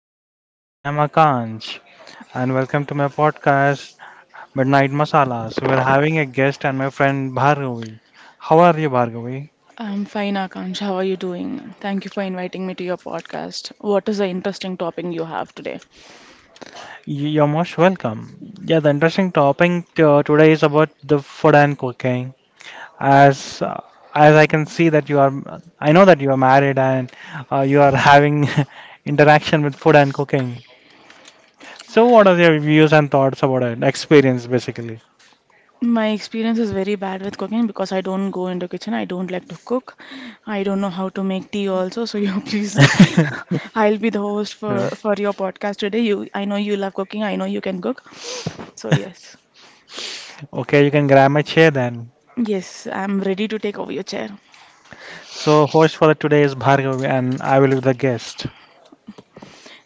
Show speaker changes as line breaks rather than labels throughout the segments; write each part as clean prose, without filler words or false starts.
evening. I am Akansh and welcome to my podcast Midnight Masalas. We're having a guest and my friend Bhargavi. How are you, Bhargavi?
I'm fine, Akansh. How are you doing? Thank you for inviting me to your podcast. What is the interesting topic you have today?
You're most welcome. Yeah, the interesting topic today is about the food and cooking. As uh, as I can see that I know that you are married and you are having interaction with food and cooking. So, what are your views and thoughts about it? Experience, basically.
My experience is very bad with cooking because I don't go into kitchen. I don't like to cook. I don't know how to make tea also. So you please, I'll be the host for your podcast today. You, I know you love cooking. I know you can cook. So yes,
Okay, you can grab my chair then.
yes, I'm ready to take over your chair.
So, host for the today is Bhargav, and I will be the guest.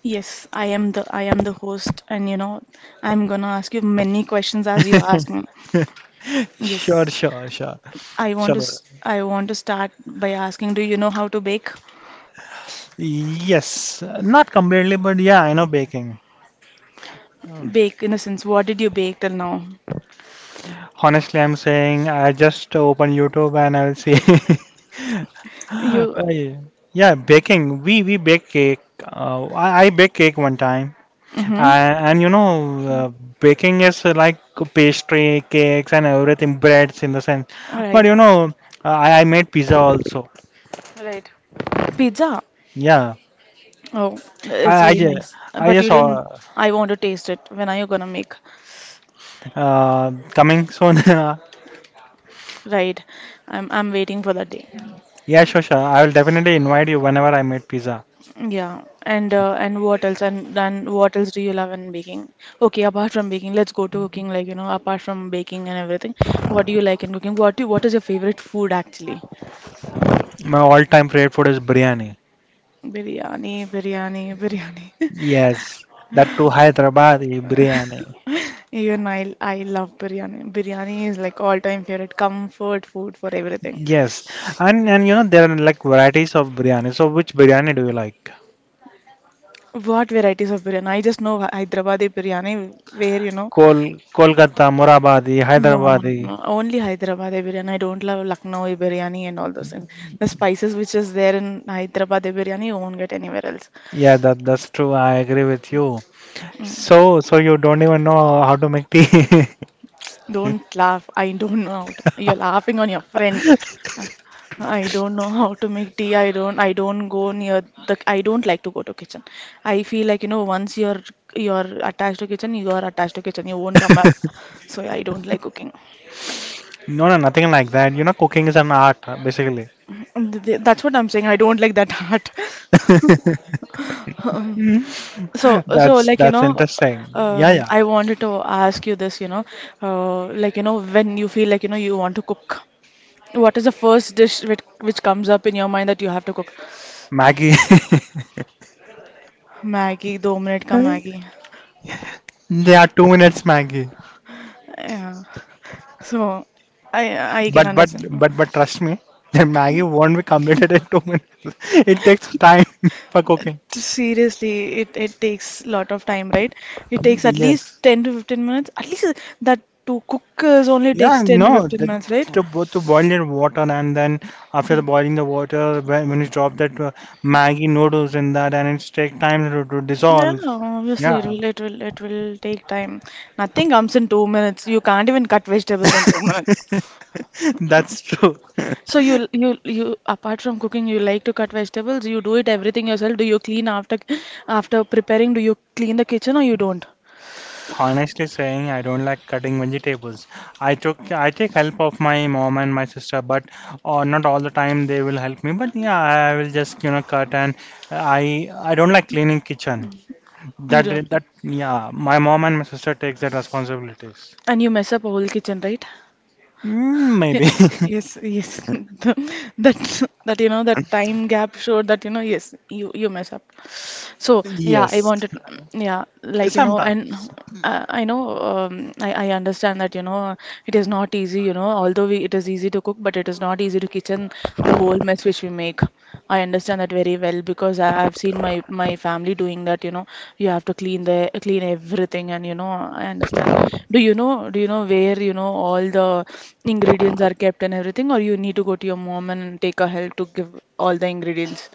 Yes, I am the host, and you know, I'm gonna ask you many questions as you ask me.
Sure,
Yes.
sure, sure. Chalo.
I want to start by asking, do you know how to bake?
Yes, not completely, but yeah, I know baking.
Bake in the sense, what did you bake till now?
Honestly, I'm saying I just open YouTube and I will see. Uh,
You,
yeah, baking. We bake cake. I bake cake one time.
mm-hmm.
And you know, uh, baking is like pastry, cakes, and everything, breads in the sense.
All
But
right.
you know, I made pizza also.
Right. Pizza.
Yeah,
Oh, it's
I I,
very
ju-
nice.
I
But
just
you didn't.
saw
I want to taste it. When are you gonna make?
coming soon.
Right. I'm waiting for that day.
Yeah, sure, sure. I will definitely invite you whenever I made pizza.
Yeah. And what else? And then what else do you love in baking? Okay, apart from baking, let's go to cooking. Like you know, apart from baking and everything, what do you like in cooking? What is your favorite food actually?
My all-time favorite food is biryani.
Biryani, biryani, biryani.
Yes, that too Hyderabadi biryani.
Even I love biryani. Biryani is like all-time favorite comfort food for everything.
Yes, and you know there are like varieties of biryani. So which biryani do you like?
What varieties of biryani? I just know Hyderabadi biryani, where you know.
Kol Kolkata, Murabadi,
No, no,
Hyderabadi.
no. Only Hyderabadi biryani. I don't love Lucknowi biryani and all those things. The spices which is there in Hyderabadi biryani, you won't get anywhere else.
Yeah, that's true. I agree with you.
Mm.
So, so you don't even know how to make tea.
Don't laugh. I don't know how to. You're laughing on your friend. Uh, I don't know how to make tea. I don't. I don't go near the. I don't like to go to kitchen. I feel like you know once you're attached to kitchen, you are attached to kitchen. You won't come back. So yeah, I don't like cooking.
No, no, nothing like that. You know, cooking is an art, basically.
That's what I'm saying. I don't like that art. So
That's
like you
that's
know,
interesting. Yeah, yeah.
I wanted to ask you this. You know, like you know, when you feel like you know you want to cook, what is the first dish which comes up in your mind that you have to cook?
Maggie.
Maggie, दो minute का Maggi
Yeah, 2 minutes, Maggie.
yeah. So I I can
But but
understand.
but but trust me, that Maggie won't be completed in 2 minutes. It takes time for cooking.
Seriously, it takes a lot of time, right? It takes at least
Yes.
10 to 15 minutes. At least that to cook is only
Yeah,
takes 10 to
no,
15
the,
minutes, right?
to, bo- to boil your water and then after the boiling the water, when you drop that Maggi noodles in that and it's take time to
Yeah,
dissolve.
obviously it
Yeah,
will it will it will take time. Nothing comes in 2 minutes. You can't even cut vegetables in 2 minutes.
that's true.
So you apart from cooking, you like to cut vegetables. You do it everything yourself. Do you clean after after preparing? Do you clean the kitchen or you don't?
Honestly saying, I don't like cutting vegetables. I take help of my mom and my sister, but not all the time they will help me. But yeah, I will just you know cut and I don't like cleaning kitchen.
You
That
don't.
that yeah, my mom and my sister takes that responsibilities.
And you mess up a whole kitchen, right?
Mm,
Yeah.
maybe.
Yes, yes. That you know that time gap showed that you know yes you mess up. So yeah, I
Yes,
wanted, yeah, like you know, and
sometimes.
I know I understand that you know it is not easy, you know, although we, it is easy to cook, but it is not easy to kitchen the whole mess which we make. I understand that very well because I've seen my my family doing that. You know, you have to clean the clean everything, and you know, I understand. Do you know? Do you know where you know all the ingredients are kept and everything, or you need to go to your mom and take a help to give all the ingredients?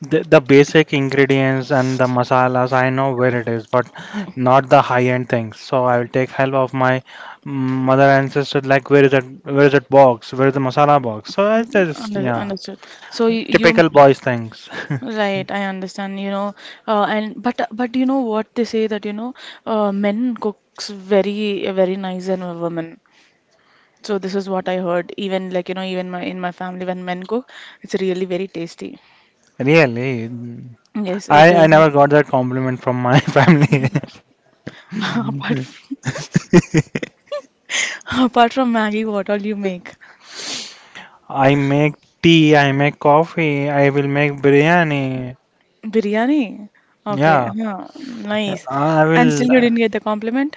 The basic ingredients and the masalas, I know where it is, but not the high-end things. So I will take help of my mm, mother and sister, like where is that box, where is the masala box? So I just, yeah,
Understood. So you
typical boys things.
right, I understand, you know, and but you know what they say that you know, men cooks very nice than women. So this is what I heard. Even like you know, even my in my family when men cook, it's really very tasty.
Really,
Yes, it
I
is like
never got that compliment from my family.
apart from, apart from Maggie, what all you make?
I make tea, I make coffee, I will make biryani.
Biryani. Okay,
Yeah,
yeah, nice.
I
And
will.
still you didn't get the compliment?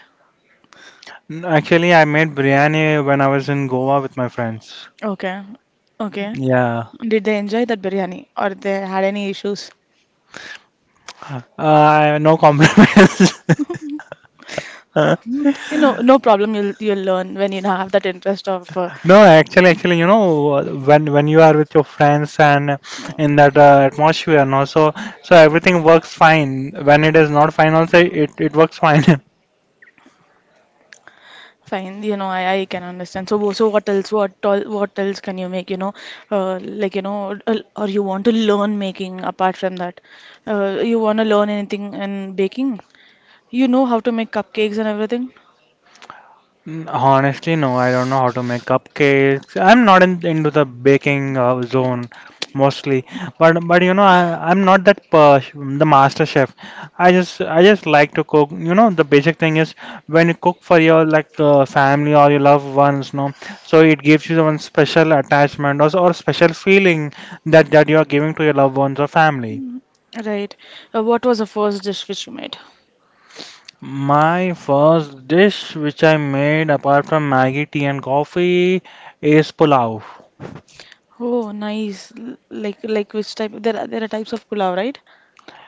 Actually, I made biryani when I was in Goa with my friends.
Okay. Okay.
Yeah,
Did they enjoy that biryani or they had any issues?
no compliments.
Mm, you know, no problem. You'll learn when you have that interest of
No, actually, you know, when you are with your friends and in
mm,
that atmosphere, and also, so everything works fine. When it is not fine, also it works fine.
fine. You know, I can understand. So so what else? What all, what else can you make? You know, or you want to learn making apart from that? You want to learn anything in baking? You know how to make cupcakes and everything?
Mm, honestly, no, I don't know how to make cupcakes. I'm not into the baking zone mostly, but you know, I'm not that the master chef. I just like to cook. You know, the basic thing is when you cook for your like family or your loved ones, no, so it gives you the one special attachment or special feeling that you are giving to your loved ones or family.
Mm, right. What was the first dish which you made?
My first dish which I made apart from Maggie tea and coffee is pulao.
Oh, nice. Like which type? There are types of pulao, right?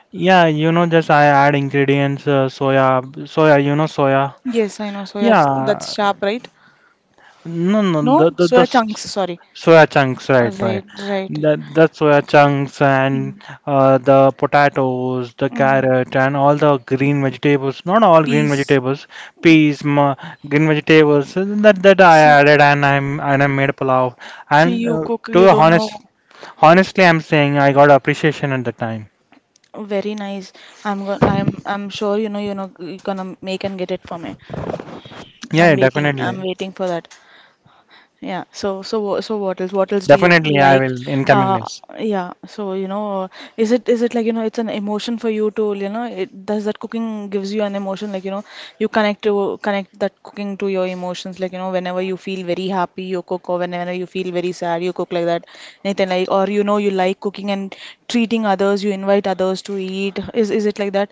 Yeah, you know, just I add ingredients, soya, you know, soya.
Yes, I know.
Yeah,
That's sharp, right?
no, no,
No,
the
soya chunks.
s-
Sorry.
soya chunks, right, right.
Right, right.
That soya chunks and
Mm.
the potatoes, the
Mm.
carrot, and all the green vegetables. Not all green
Peace.
vegetables, peas, ma, green vegetables. That I
See,
added, and I made pulao.
see
And
you cook.
to
You
be
don't know.
honest, honestly, I'm saying I got appreciation at the time.
Very nice. I'm going. I'm. I'm sure you know. You know. You're gonna make and get it for me.
Yeah,
I'm
yeah,
waiting. I'm
definitely,
waiting for that. Yeah. So what else? What else do you
definitely, I
like?
will in coming
Uh,
days.
yeah. So you know, is it like you know, it's an emotion for you to you know, it does that cooking gives you an emotion like you know, you connect to connect that cooking to your emotions like you know, whenever you feel very happy, you cook, or whenever you feel very sad, you cook like that. Anything like, or you know, you like cooking and treating others, you invite others to eat. Is it like that?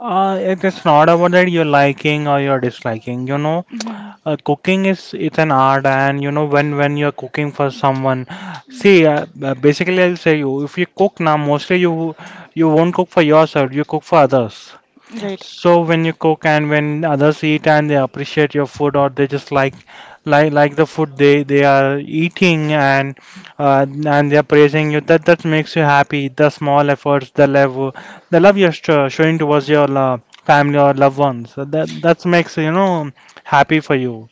It is not about that you're liking or you're disliking. You know,
Mhm.
cooking is it's an art, and you know when you're cooking for someone, see, basically I'll say you if you cook now, mostly you you won't cook for yourself. You cook for others.
Right.
So when you cook and when others eat and they appreciate your food or they just like the food they are eating and uh, and they are praising you that makes you happy. The small efforts, the love you're showing towards your family or loved ones. So that makes you know happy for you.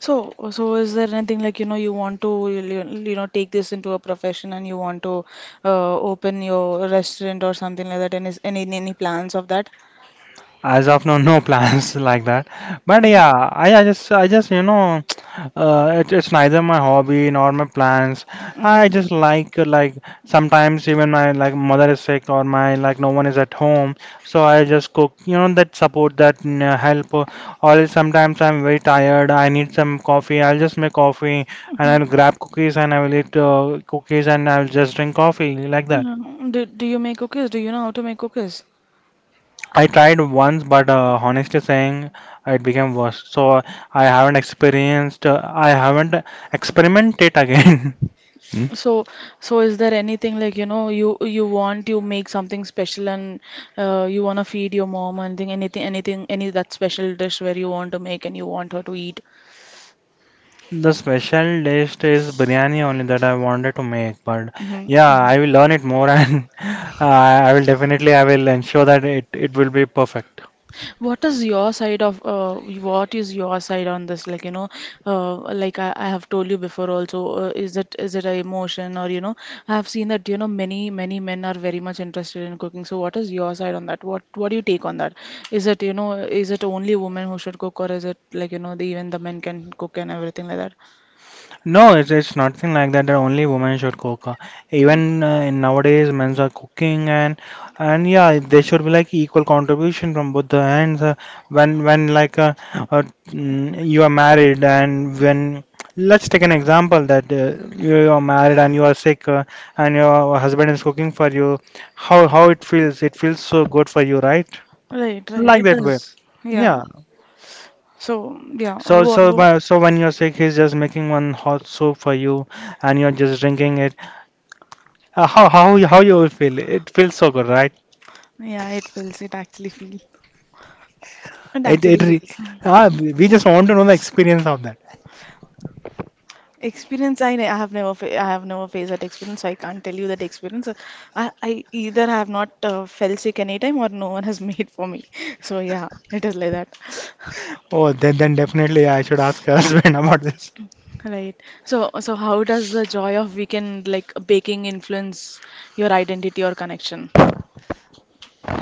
So is there anything like, you know, you you know, take this into a profession and you want to open your restaurant or something like that? And is any plans of that?
As of now, no plans like that. But
Mm-hmm.
yeah, I just, you know, it's neither my hobby nor my plans.
Mm-hmm.
I just like, sometimes even my like mother is sick or my like no one is at home, so I just cook. You know that support, that help. Or else sometimes I'm very tired. I need some coffee. I'll just make coffee and
Mm-hmm.
I'll grab cookies and I will eat cookies and I'll just drink coffee like that.
No. Do, do you make cookies? Do you know how to make cookies?
I tried once, but honestly saying, it became worse. So I haven't experienced, I haven't experimented again. Hmm?
So, so is there anything like, you know, you make something special and you want to feed your mom and anything, anything, anything any that special dish where you want to make and you want her to eat?
The special dish is biryani only that I wanted to make, but yeah,
Mm-hmm.
I will learn it more and I will definitely, I will ensure that it will be perfect.
What is your side of what is your side on this? Like, you know, like I have told you before also, is it a emotion or you know, I have seen that you know many many men are very much interested in cooking. So what is your side on that? What do you take on that? Is it you know is it only women who should cook or is it like you know the, even the men can cook and everything like that?
No, it's nothing like that that only women should cook. Even in nowadays, men's are cooking and yeah, they should be like equal contribution from both the ends. You are married and when let's take an example that you are married and you are sick and your husband is cooking for you, how it feels? It feels so good for you, right?
Right, right.
Like
It
that way.
does. Yeah.
Yeah.
So yeah.
So,
What, what?
when you're sick, he's just making one hot soup for you, and you're just drinking it. How you will feel? It feels so good, right?
Yeah, it feels. It actually feels. It
It,
actually
it. Re-
feels.
ah, we just want to know the experience of that.
Experience, I have never, I have never faced that experience, so I can't tell you that experience. I either have not fell sick anytime or no one has made for me. So yeah, it is like that.
Oh, then definitely I should ask her husband about this.
Right. So how does the joy of weekend like baking influence your identity or connection?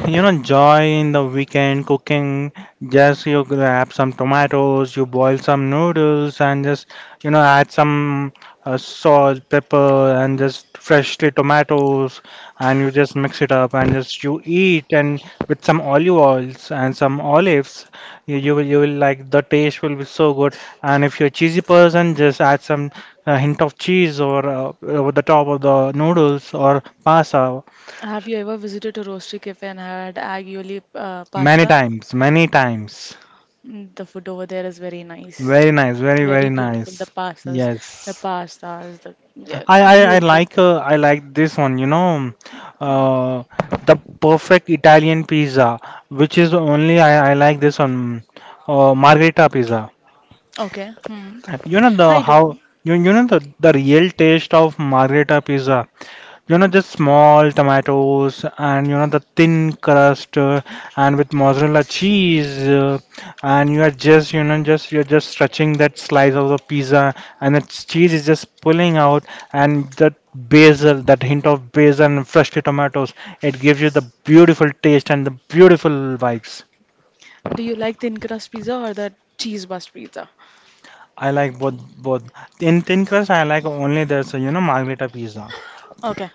You know, joy in the weekend cooking. Just you grab some tomatoes, you boil some noodles, and just you know add some salt, pepper, and just freshly tomatoes, and you just mix it up and just you eat and with some olive oils and some olives, you will like the taste will be so good. And if you're a cheesy person, just add some hint of cheese or over the top of the noodles or pasta
Have you ever visited a roastery cafe and had aglio olio
many
pasta?
times, many times.
Mm, the food over there is very nice.
Very nice, very
Very
very
beautiful. The
nice.
pastas,
Yes,
the yeah, beautiful.
I like this one. You know, uh, the perfect Italian pizza, which is only I like this one, margherita pizza.
Okay. Hmm.
You know the
I do.
how you you know the real taste of margherita pizza. You know, just small tomatoes and you know the thin crust and with mozzarella cheese and you are just you know just you're just stretching that slice of the pizza and the cheese is just pulling out and that basil, that hint of basil and freshly tomatoes, it gives you the beautiful taste and the beautiful vibes.
Do you like thin crust pizza or the cheese bust pizza?
I like both. In thin crust, I like only this, you know, margherita pizza.
Okay.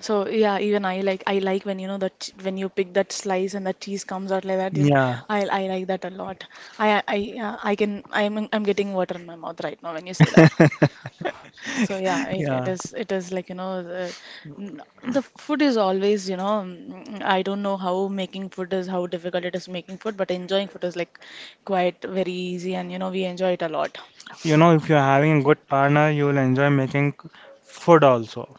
So yeah, even I like when you know when you pick that slice and the cheese comes out like that. You know,
Yeah.
I like that a lot. I can I'm getting water in my mouth right now when you say that. So yeah,
Yeah.
it is like you know the food is always you know mm, I don't know how making food is how difficult it is making food, but enjoying food is like quite very easy and you know we enjoy it a lot.
You know, if you're having a good partner, you will enjoy making food also.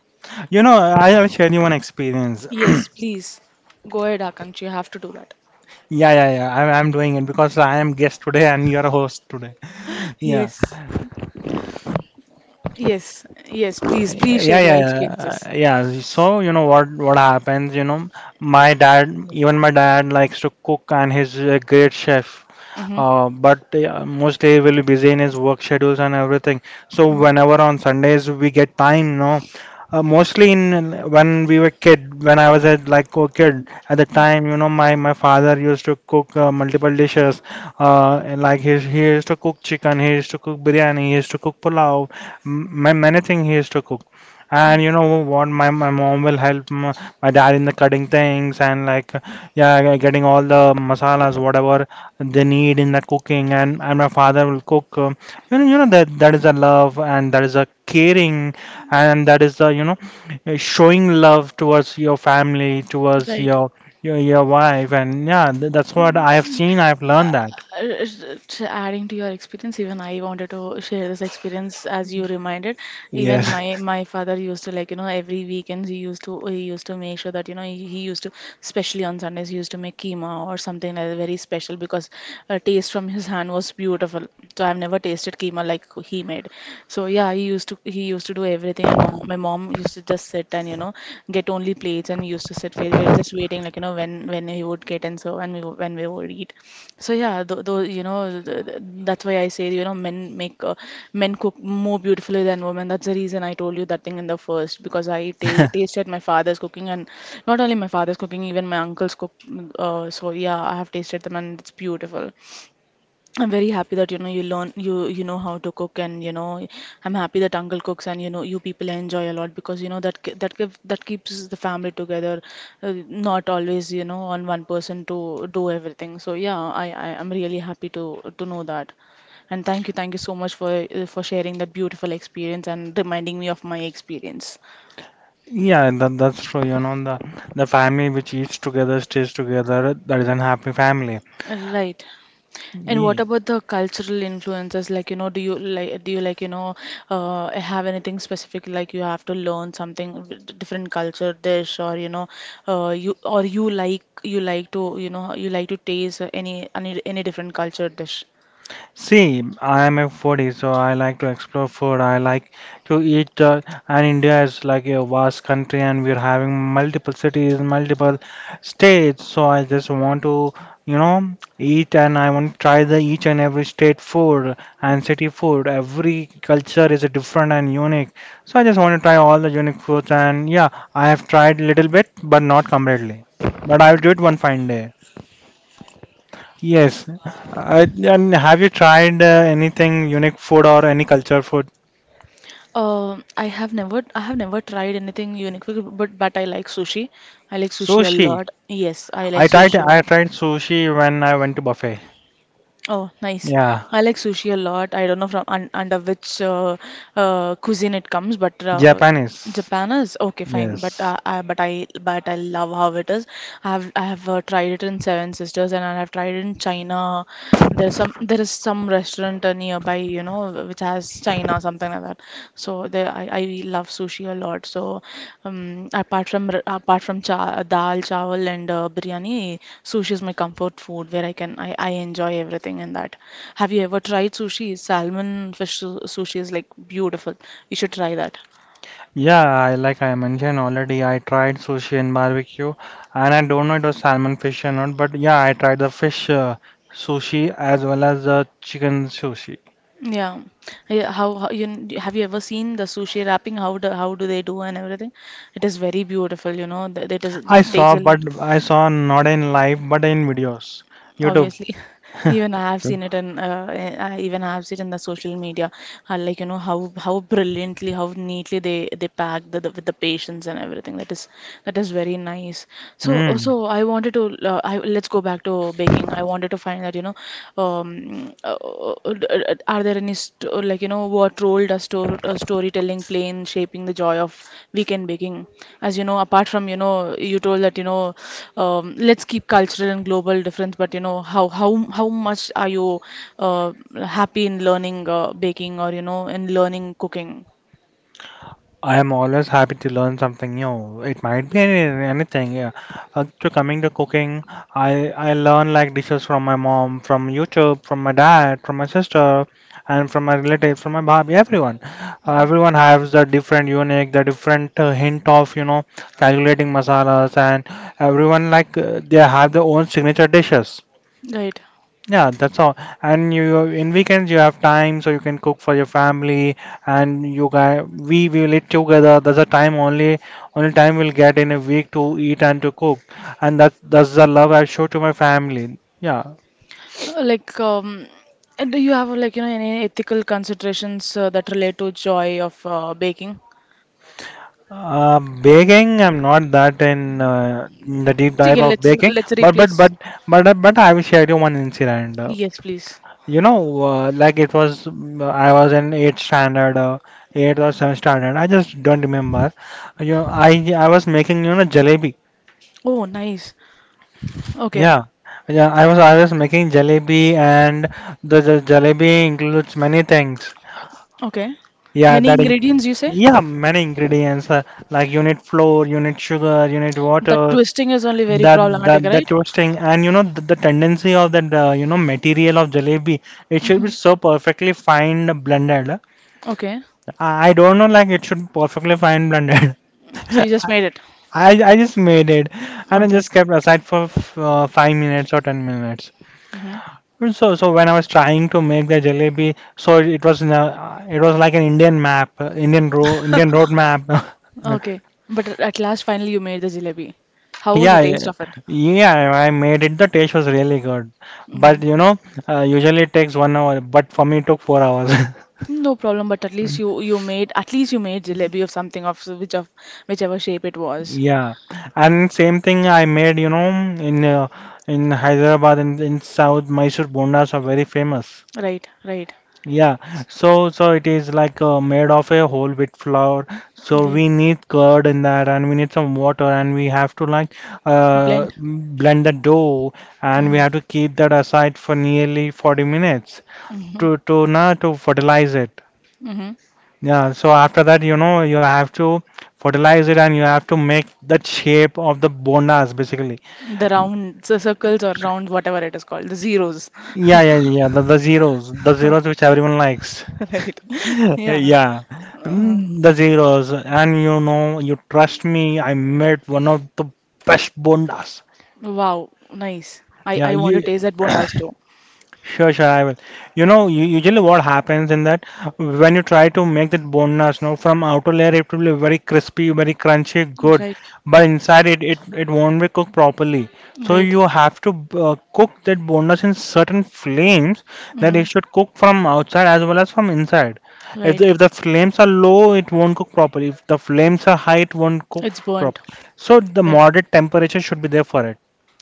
You know, I'll share you one experience.
Yes, please go ahead, Akanksha, you have to do that.
Yeah, yeah, yeah. I'm doing it because I am guest today and you're a host today. Yeah.
Yes, yes, yes. Please, please share
yeah
your
yeah uh,
experiences.
yeah so you know what happens you know my dad even my dad likes to cook and he's a great chef,
Mm-hmm.
but mostly he will be busy in his work schedules and everything, so whenever on Sundays we get time no, mostly in when we were kid when I was a like a kid at the time you know my father used to cook multiple dishes, he used to cook chicken, he used to cook biryani, he used to cook pulao, many things he used to cook. And you know what? My mom will help my dad in the cutting things and like yeah, getting all the masalas, whatever they need in the cooking. And my father will cook. You know that is a love, and that is a caring, and that is the, showing love towards your family, towards
Right.
your your wife. And yeah, that's what I have seen. I have learned that.
Uh, adding to your experience even I wanted to share this experience as you reminded even my
Yes.
my father used to like you know every weekends he used to make sure that you know he used to especially on Sundays he used to make keema or some something like that, very special because a taste from his hand was beautiful. So I've never tasted keema like he made. So yeah, he used to do everything, and mom, my mom used to just sit and you know get only plates, and used to sit. We were just waiting like you know when he would get and so and when we would eat. So yeah, though you know th- th- that's why I say, you know, men make men cook more beautifully than women. That's the reason I told you that thing in the first, because I ta tasted my father's cooking, and not only my father's cooking, even my uncle's cook. So yeah, I have tasted them and it's beautiful. I'm very happy that, you know, you learn, you know how to cook, and you know, I'm happy that uncle cooks and you know you people enjoy a lot, because you know that ki- that give that keeps the family together. Not always, you know, on one person to do everything. So yeah, I am really happy to know that. And thank you, thank you so much for sharing that beautiful experience and reminding me of my experience.
Yeah, that's true. You know, the family which eats together stays together. That is an happy family.
Right. And what about the cultural influences? Like, you know, do you like have anything specific, like you have to learn something different culture dish? Or you know, you or you like, you like to you know you like to taste any any different culture dish.
See, I am a foodie, so I like to explore food. I like to eat, and India is like a vast country, and we're having multiple cities, multiple states. So I just want to, you know, eat, and I want to try the each and every state food and city food. Every culture is different and unique. So I just want to try all the unique foods, and yeah, I have tried little bit, but not completely. But I'll do it one fine day. Yes. And have you tried anything unique food or any culture food?
I have never, I have never tried anything unique, but I like sushi. I like sushi a
Sushi.
lot. Yes, I like
I tried
sushi a
I
lot.
tried sushi when I went to buffet.
Oh, nice.
Yeah,
I like sushi a lot. I don't know from un under which cuisine it comes, but
Japanese.
Japan is okay, fine, but
Yes.
I love how it is. I have tried it in Seven Sisters, and I have tried it in China. There is some restaurant nearby, you know, which has China, something like that. So there, I love sushi a lot. So apart from cha dal, chawal, and biryani, sushi is my comfort food, where I can I enjoy everything in that. Have you ever tried sushi? Salmon fish sushi is like beautiful. You should try that.
Yeah, I like I mentioned already, I tried sushi and barbecue, and I don't know it was salmon fish or not, but yeah, I tried the fish sushi as well as the chicken sushi.
Yeah, yeah. Have you ever seen the sushi wrapping? How do they do and everything? It is very beautiful, you know. th- It is
I
it takes
saw,
a
but
lot,
I saw not in live, but in videos, YouTube.
obviously. Even I have seen it in eh, I even I have seen in the social media, like, you know, how brilliantly, how neatly they pack the with the patients and everything. That is, that is very nice. So uh,
Mm.
so i wanted to let's go back to baking. I wanted to find that, you know, are there any like, you know, what role does storytelling play in shaping the joy of weekend baking, as you know, apart from, you know, you told that, you know, let's keep cultural and global difference, but you know, how much are you uh, happy in learning baking, or you know, in learning cooking?
I am always happy to learn something new. It might be anything. Yeah. To coming to cooking, I learn like dishes from my mom, from YouTube, from my dad, from my sister, and from my relatives, from my baby, everyone. Everyone has the different unique, the different hint of, you know, calculating masalas, and everyone they have their own signature dishes.
Right?
Yeah, that's all. And you in weekends you have time, so you can cook for your family, and you guys we will eat together. That's the time only only time we'll get in a week to eat and to cook, and that's the love I show to my family. Yeah,
Like, do you have, like, you know, any ethical considerations that relate to joy of baking?
baking I'm not that in the deep dive
Okay,
of baking,
let's
but
replace.
I will share you one incident.
Yes, please.
You know, like it was, I was in eighth standard, eighth or seventh standard. I just don't remember. You know, I was making, you know, jalebi.
Oh, nice. Okay,
Yeah, yeah. I was making jalebi, and the jalebi includes many things.
okay.
Yeah,
Many
that in
ingredients, you say?
Yeah, many ingredients, like you need flour, you need sugar, you need
The
water.
twisting is only very
That
problematic,
that
right?
toasting, and you know the tendency of that you know material of jalebi, it should be
Mhm.
so perfectly fine blended.
Okay.
I don't know, like it should be perfectly fine blended.
So you just
I,
made it.
I just made it, and I
Okay.
just kept aside for 5 minutes or 10 minutes.
Hmm.
And so when I was trying to make the jalebi, so it was in a, it was like an Indian map, Indian road map.
Okay. But at last, finally, you made the jalebi. How was the
Yeah,
taste
yeah,
of it?
yeah, I made it. The taste was really good,
Hmm.
but you know, usually it takes 1 hour, but for me it took 4 hours.
No problem, but at least you, you made, at least you made jalebi of something of which of whichever shape it was.
Yeah, and same thing I made, you know, in Hyderabad in South Mysore bondas are very famous.
Right, right,
Yeah, so so it is like made of a whole wheat flour. So
right.
we need curd in that, and we need some water, and we have to like
Blend.
blend the dough, and we
Mm-hmm.
have to keep that aside for nearly 40 minutes to na to fertilize it.
Mm-hmm. Hmm.
Yeah, so after that, you know, you have to fertilize it and you have to make that shape of the bondas basically.
The round, the circles or round, whatever it is called, the zeros.
Yeah, yeah, yeah, the zeros which everyone likes.
Right. Yeah.
Yeah,
Uh,
Mm, the zeros, and you know, you trust me, I made one of the best bondas.
wow, nice.
Yeah,
I want to
you.
taste that bondas too.
Sure, sure, I will. You know, usually what happens in that when you try to make that boneless, you know, from outer layer it will be very crispy, very crunchy, good,
Right.
but inside it won't be cooked properly. So
Right.
you have to cook that boneless in certain flames that
Mm-hmm.
it should cook from outside as well as from inside. If
Right.
if the flames are low, it won't cook properly. If the flames are high, it won't cook
It's burnt.
properly. So the
Right.
moderate temperature should be there for it.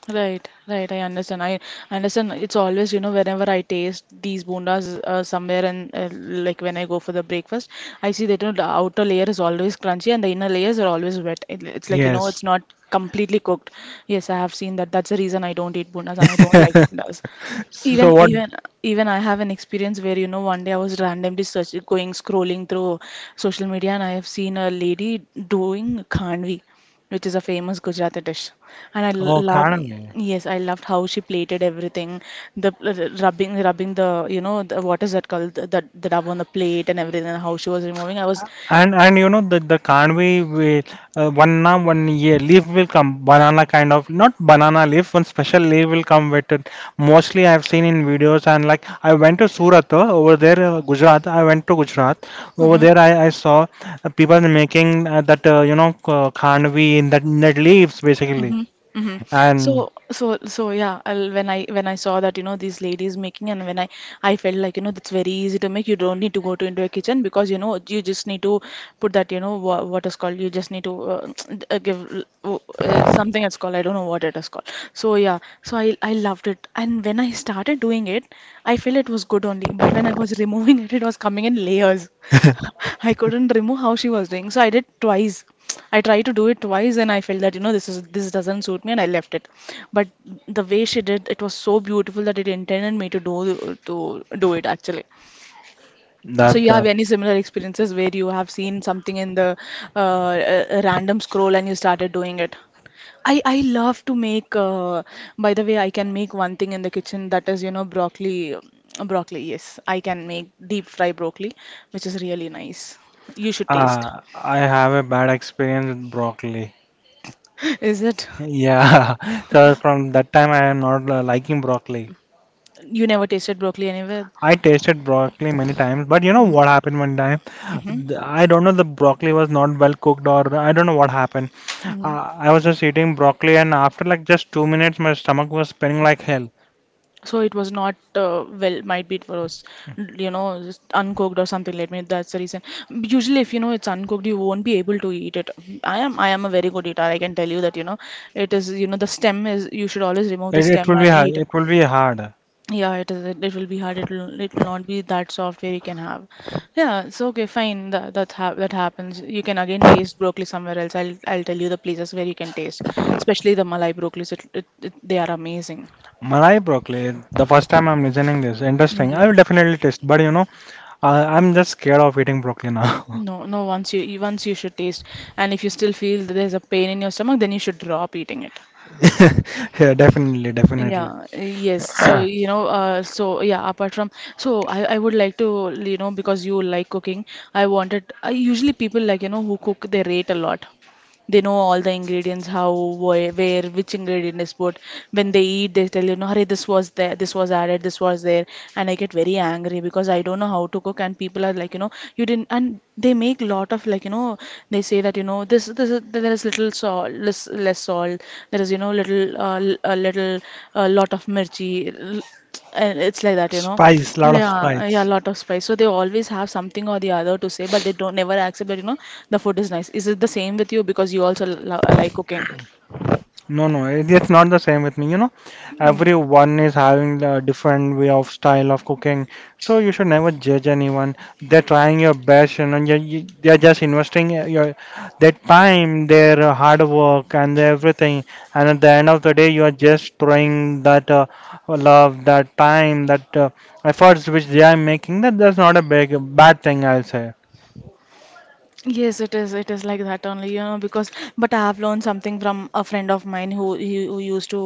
Right, right. I understand. I understand. It's always, you know, whenever I taste these bondas somewhere, and like when I go for the breakfast, I see that, you know, the outer layer is always crunchy and the inner layers are always wet. It's like, you know,
Yes.
it's not completely cooked. Yes, I have seen that. That's the reason I don't eat bondas, and I don't like bondas.
So
Even
what?
even even I have an experience where, you know, one day I was randomly searching, going scrolling through social media, and I have seen a lady doing khandvi, which is a famous Gujarati dish, and I
Oh,
loved,
Kanwe.
yes I loved how she plated everything, the rubbing, the, you know, the, what is that called, the dab on the plate and everything, and how she was removing. I was
And you know the Kanwe will 1 year leaf will come, banana kind of, not banana leaf, one special leaf will come with it. Mostly I've seen in videos, and like I went to Surat over there, Gujarat. I went to Gujarat over
hmm.
there. I saw people making that you know Kanwe in that leaves basically.
Mm-hmm. Mm-hmm.
And
So yeah. When I, when I saw that, you know, these ladies making, and when I felt like, you know, that's very easy to make. You don't need to go to into a kitchen, because you know you just need to put that, you know, what is called. You just need to something it's called. I don't know what it is called. So yeah. So I loved it, and when I started doing it, I felt it was good only. But when I was removing it, it was coming in layers. I couldn't remove how she was doing. So I did twice. I tried to do it twice, and I felt that, you know, this is, this doesn't suit me, and I left it. But the way she did, it was so beautiful that it intended me to do, it actually. So
that
you have
that
any similar experiences where you have seen something in the random scroll and you started doing it? I love to make, by the way, I can make one thing in the kitchen, that is, you know, broccoli. Broccoli, yes. I can make deep fry broccoli, which is really nice. You should taste.
I have a bad experience with broccoli.
Is it?
Yeah, so from that time I am not liking broccoli.
You never tasted broccoli anywhere?
I tasted broccoli many times, but you know what happened one time?
Hmm.
I don't know the broccoli was not well cooked, or I don't know what happened.
Hmm.
I was just eating broccoli, and after like just 2 minutes my stomach was spinning like hell.
So it was not, well, might be it was, you know, just uncooked or something like that. That's the reason. Usually, if you know it's uncooked, you won't be able to eat it. I am a very good eater. I can tell you that, you know, it is, you know, the stem is, you should always remove the stem and eat.
It will be hard.
Yeah, it is. It will be hard. It will. It will not be that software you can have. Yeah. So okay, fine. That happens. You can again taste broccoli somewhere else. I'll tell you the places where you can taste, especially the Malai broccolis. It, they are amazing.
Malai broccoli, the first time I'm listening this, interesting. I
Yeah.
will definitely taste, but you know, I'm just scared of eating broccoli now.
No, no. Once you should taste, and if you still feel that there's a pain in your stomach, then you should drop eating it.
Yeah, definitely, definitely.
Yeah, yes. So, you know, so I would like to, you know, because you like cooking, I usually, people like, you know, who cook, they rate a lot. They know all the ingredients, how, where which ingredient is put. When they eat, they tell you, no hurry, this was there, this was added, this was there. And I get very angry because I don't know how to cook, and people are like, you know, you didn't, and they make lot of, like, you know, they say that, you know, there is little salt, less salt, there is, you know, little a little, a lot of mirchi, and it's like that, you know.
Spice, lot of
Yeah, yeah,
spice.
a lot of spice. So they always have something or the other to say, but they don't never accept that, you know, the food is nice. Is it the same with you, because you also lo like cooking?
No, no, it's not the same with me. You know,
Mm.
everyone is having a different way of style of cooking, so you should never judge anyone. They're trying your best, you know, they're just investing your their time, their hard work, and their everything. And at the end of the day, you are just throwing that love, that time, that efforts which they are making. That's not a big bad thing, I'll say.
Yes, it is. It is like that only, you know, because, but I have learned something from a friend of mine who who used to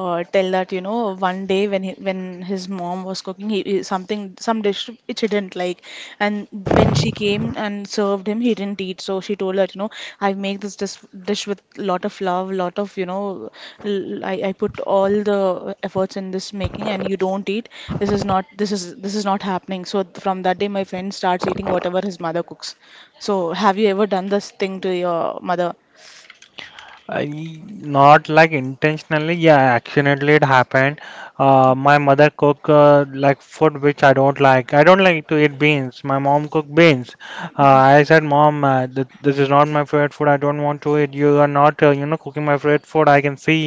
tell that, you know, one day when he, when his mom was cooking, something, some dish which he didn't like, and when she came and served him, he didn't eat. So she told her, you know, I make this dish, with lot of love, lot of, you know, I I put all the efforts in this making, and you don't eat. This is, this is not happening. So from that day, my friend starts eating whatever his mother cooks. So, have you ever done this thing to your mother?
I not like intentionally, yeah, accidentally it happened. My mother cook like food which I don't like. I don't like to eat beans. My mom cook beans. I said, Mom, th this is not my favorite food. I don't want to eat. You are not, you know, cooking my favorite food. I can see.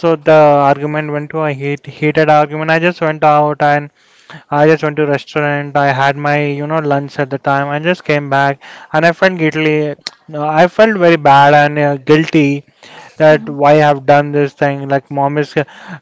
So the argument went to a heated argument. I just went out, and I just went to restaurant. I had my, you know, lunch at the time. I just came back, and I felt guilty. I felt very bad and guilty that
Mhm.
why I have done this thing. Like mom is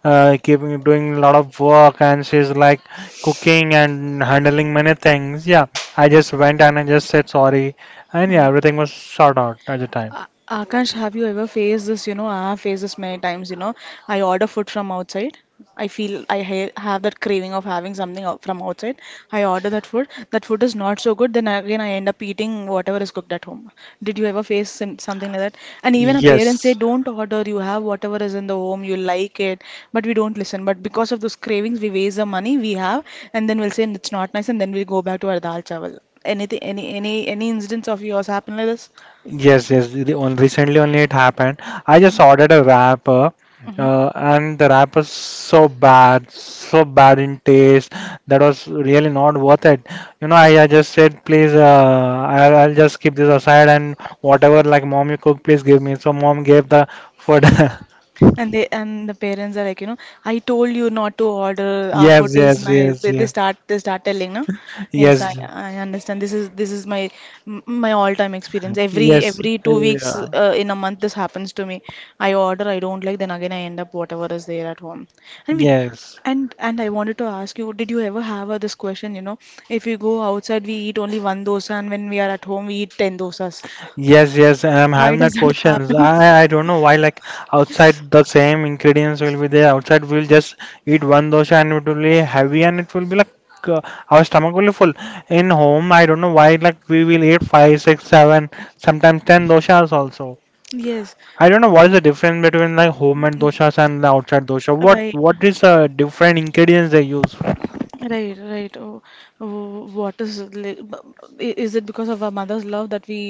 keeping doing a lot of work, and she's like cooking and handling many things. Yeah, I just went, and I just said sorry, and yeah,
Mm.
everything was sorted out at the time.
A- Akash, have you ever faced this? You know, I have faced this many times. You know, I order food from outside. I feel I ha have that craving of having something out from outside. I order that food. That food is not so good. Then again, I end up eating whatever is cooked at home. Did you ever face something like that? And even our parents say,
Yes.
don't order. You have whatever is in the home. You like it. But we don't listen. But because of those cravings, we waste the money we have, and then we'll say it's not nice, and then we'll go back to our dal chawal. Anything, any instance of yours happen like this?
Yes, yes. Recently only it happened. I just ordered a wrapper,
Hmm.
and the wrapper is so bad in taste. That was really not worth it. You know, I just said, please, I'll just keep this aside, and whatever, like mom you cook, please give me. So mom gave the food.
And the parents are like, I told you not to order. Our food
Yes,
is
yes,
nice.
yes, yes,
They start telling, no? Yes, I
yes,
I understand. This is my my all-time experience. Every
yes,
every 2 weeks,
yeah,
in a month this happens to me. I order, I don't like, then again I end up whatever is there at home. And we
yes.
and I wanted to ask you, did you ever have this question, you know, if you go outside we eat only one dosa and when we are at home we eat 10 dosas.
Yes, yes, and I'm
Why
having that
does it
questions.
happen?
I don't know why, like outside the same ingredients will be there. Outside we'll just eat one dosha, and it will be heavy, and it will be like uh, our stomach will be full. In home, I don't know why like we will eat five, six, seven, sometimes ten doshas also.
Yes,
I don't know what is the difference between like home and doshas and the outside dosha.
right.
What is the different ingredients they use?
Right, right. Oh, oh, what is is it because of our mother's love that we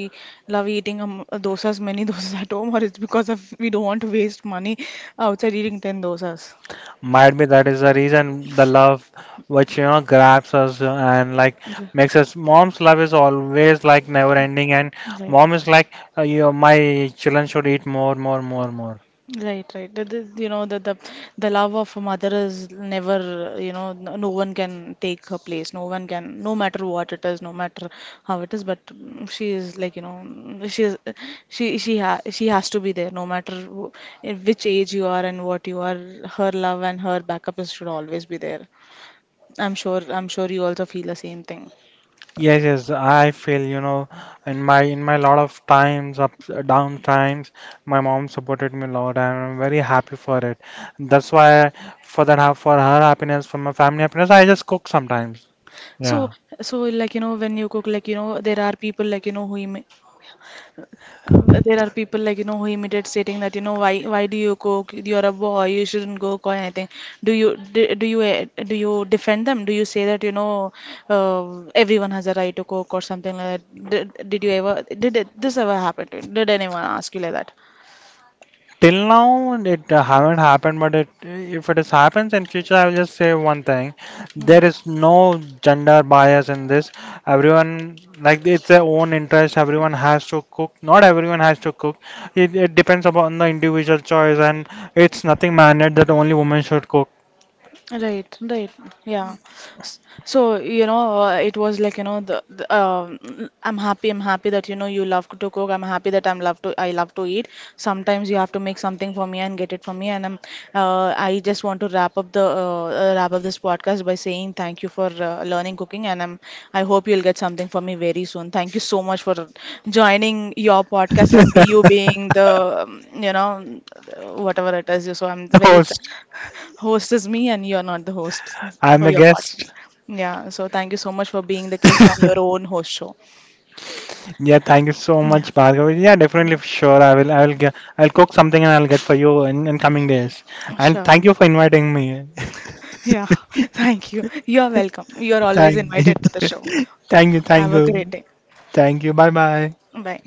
love eating dosas, many dosas at home, or it's because of we don't want to waste money outside eating 10 dosas?
Might be that is the reason, the love which you know grabs us and like
Right.
makes us. Mom's love is always like never ending, and
Right.
mom is like, you my children should eat more, more, more, more.
Right, right. That is, you know, the love of a mother is never, you know, no one can take her place. No one can, no matter what it is, no matter how it is. But she is like, she is, she ha she has to be there, no matter wh in which age you are and what you are. Her love and her backup is should always be there. I'm sure you also feel the same thing.
Yes, yes, I feel, you know, in my lot of times, down times, my mom supported me a lot, and I'm very happy for it. That's why for that, for her happiness, for my family happiness, I just cook sometimes.
So,
Yeah.
so like you know, when you cook, like you know, there are people like you know who imi there are people like you know who imitate stating that you know why do you cook? You're a boy, you shouldn't cook or anything. Do you defend them? Do you say that you know everyone has a
Till now, it haven't happened, but it, if it is happens in future, I will just say one thing: there is no gender bias in this. Everyone like it's their own interest. Everyone has to cook. Not everyone has to cook. It depends upon the individual choice, and it's nothing mandated that only women should cook.
Right, right. Yeah. S- So, you know, it was like, you know, the I'm happy that, you know, you love to cook. I'm happy that I love to eat. Sometimes you have to make something for me and get it for me. And I just want to wrap up wrap up this podcast by saying thank you for learning cooking. And I hope you'll get something for me very soon. Thank you so much for joining your podcast and be you being the, whatever it is. So I'm very, th
Host,
host is me, and you're not the host
I'm
for
a
your
guest.
podcast. Yeah, so thank you so much for being the guest on your own host show.
Yeah, thank you so
Yeah,
much, Bhargav. Yeah, definitely, for sure. I'll cook something and I'll get for you in coming days. And
sure.
thank you for inviting me.
Yeah, thank you. You're welcome. You're always
Thank you,
invited to the show.
thank you, thank
Have a great
you,
day.
thank you. Bye, bye.
Bye.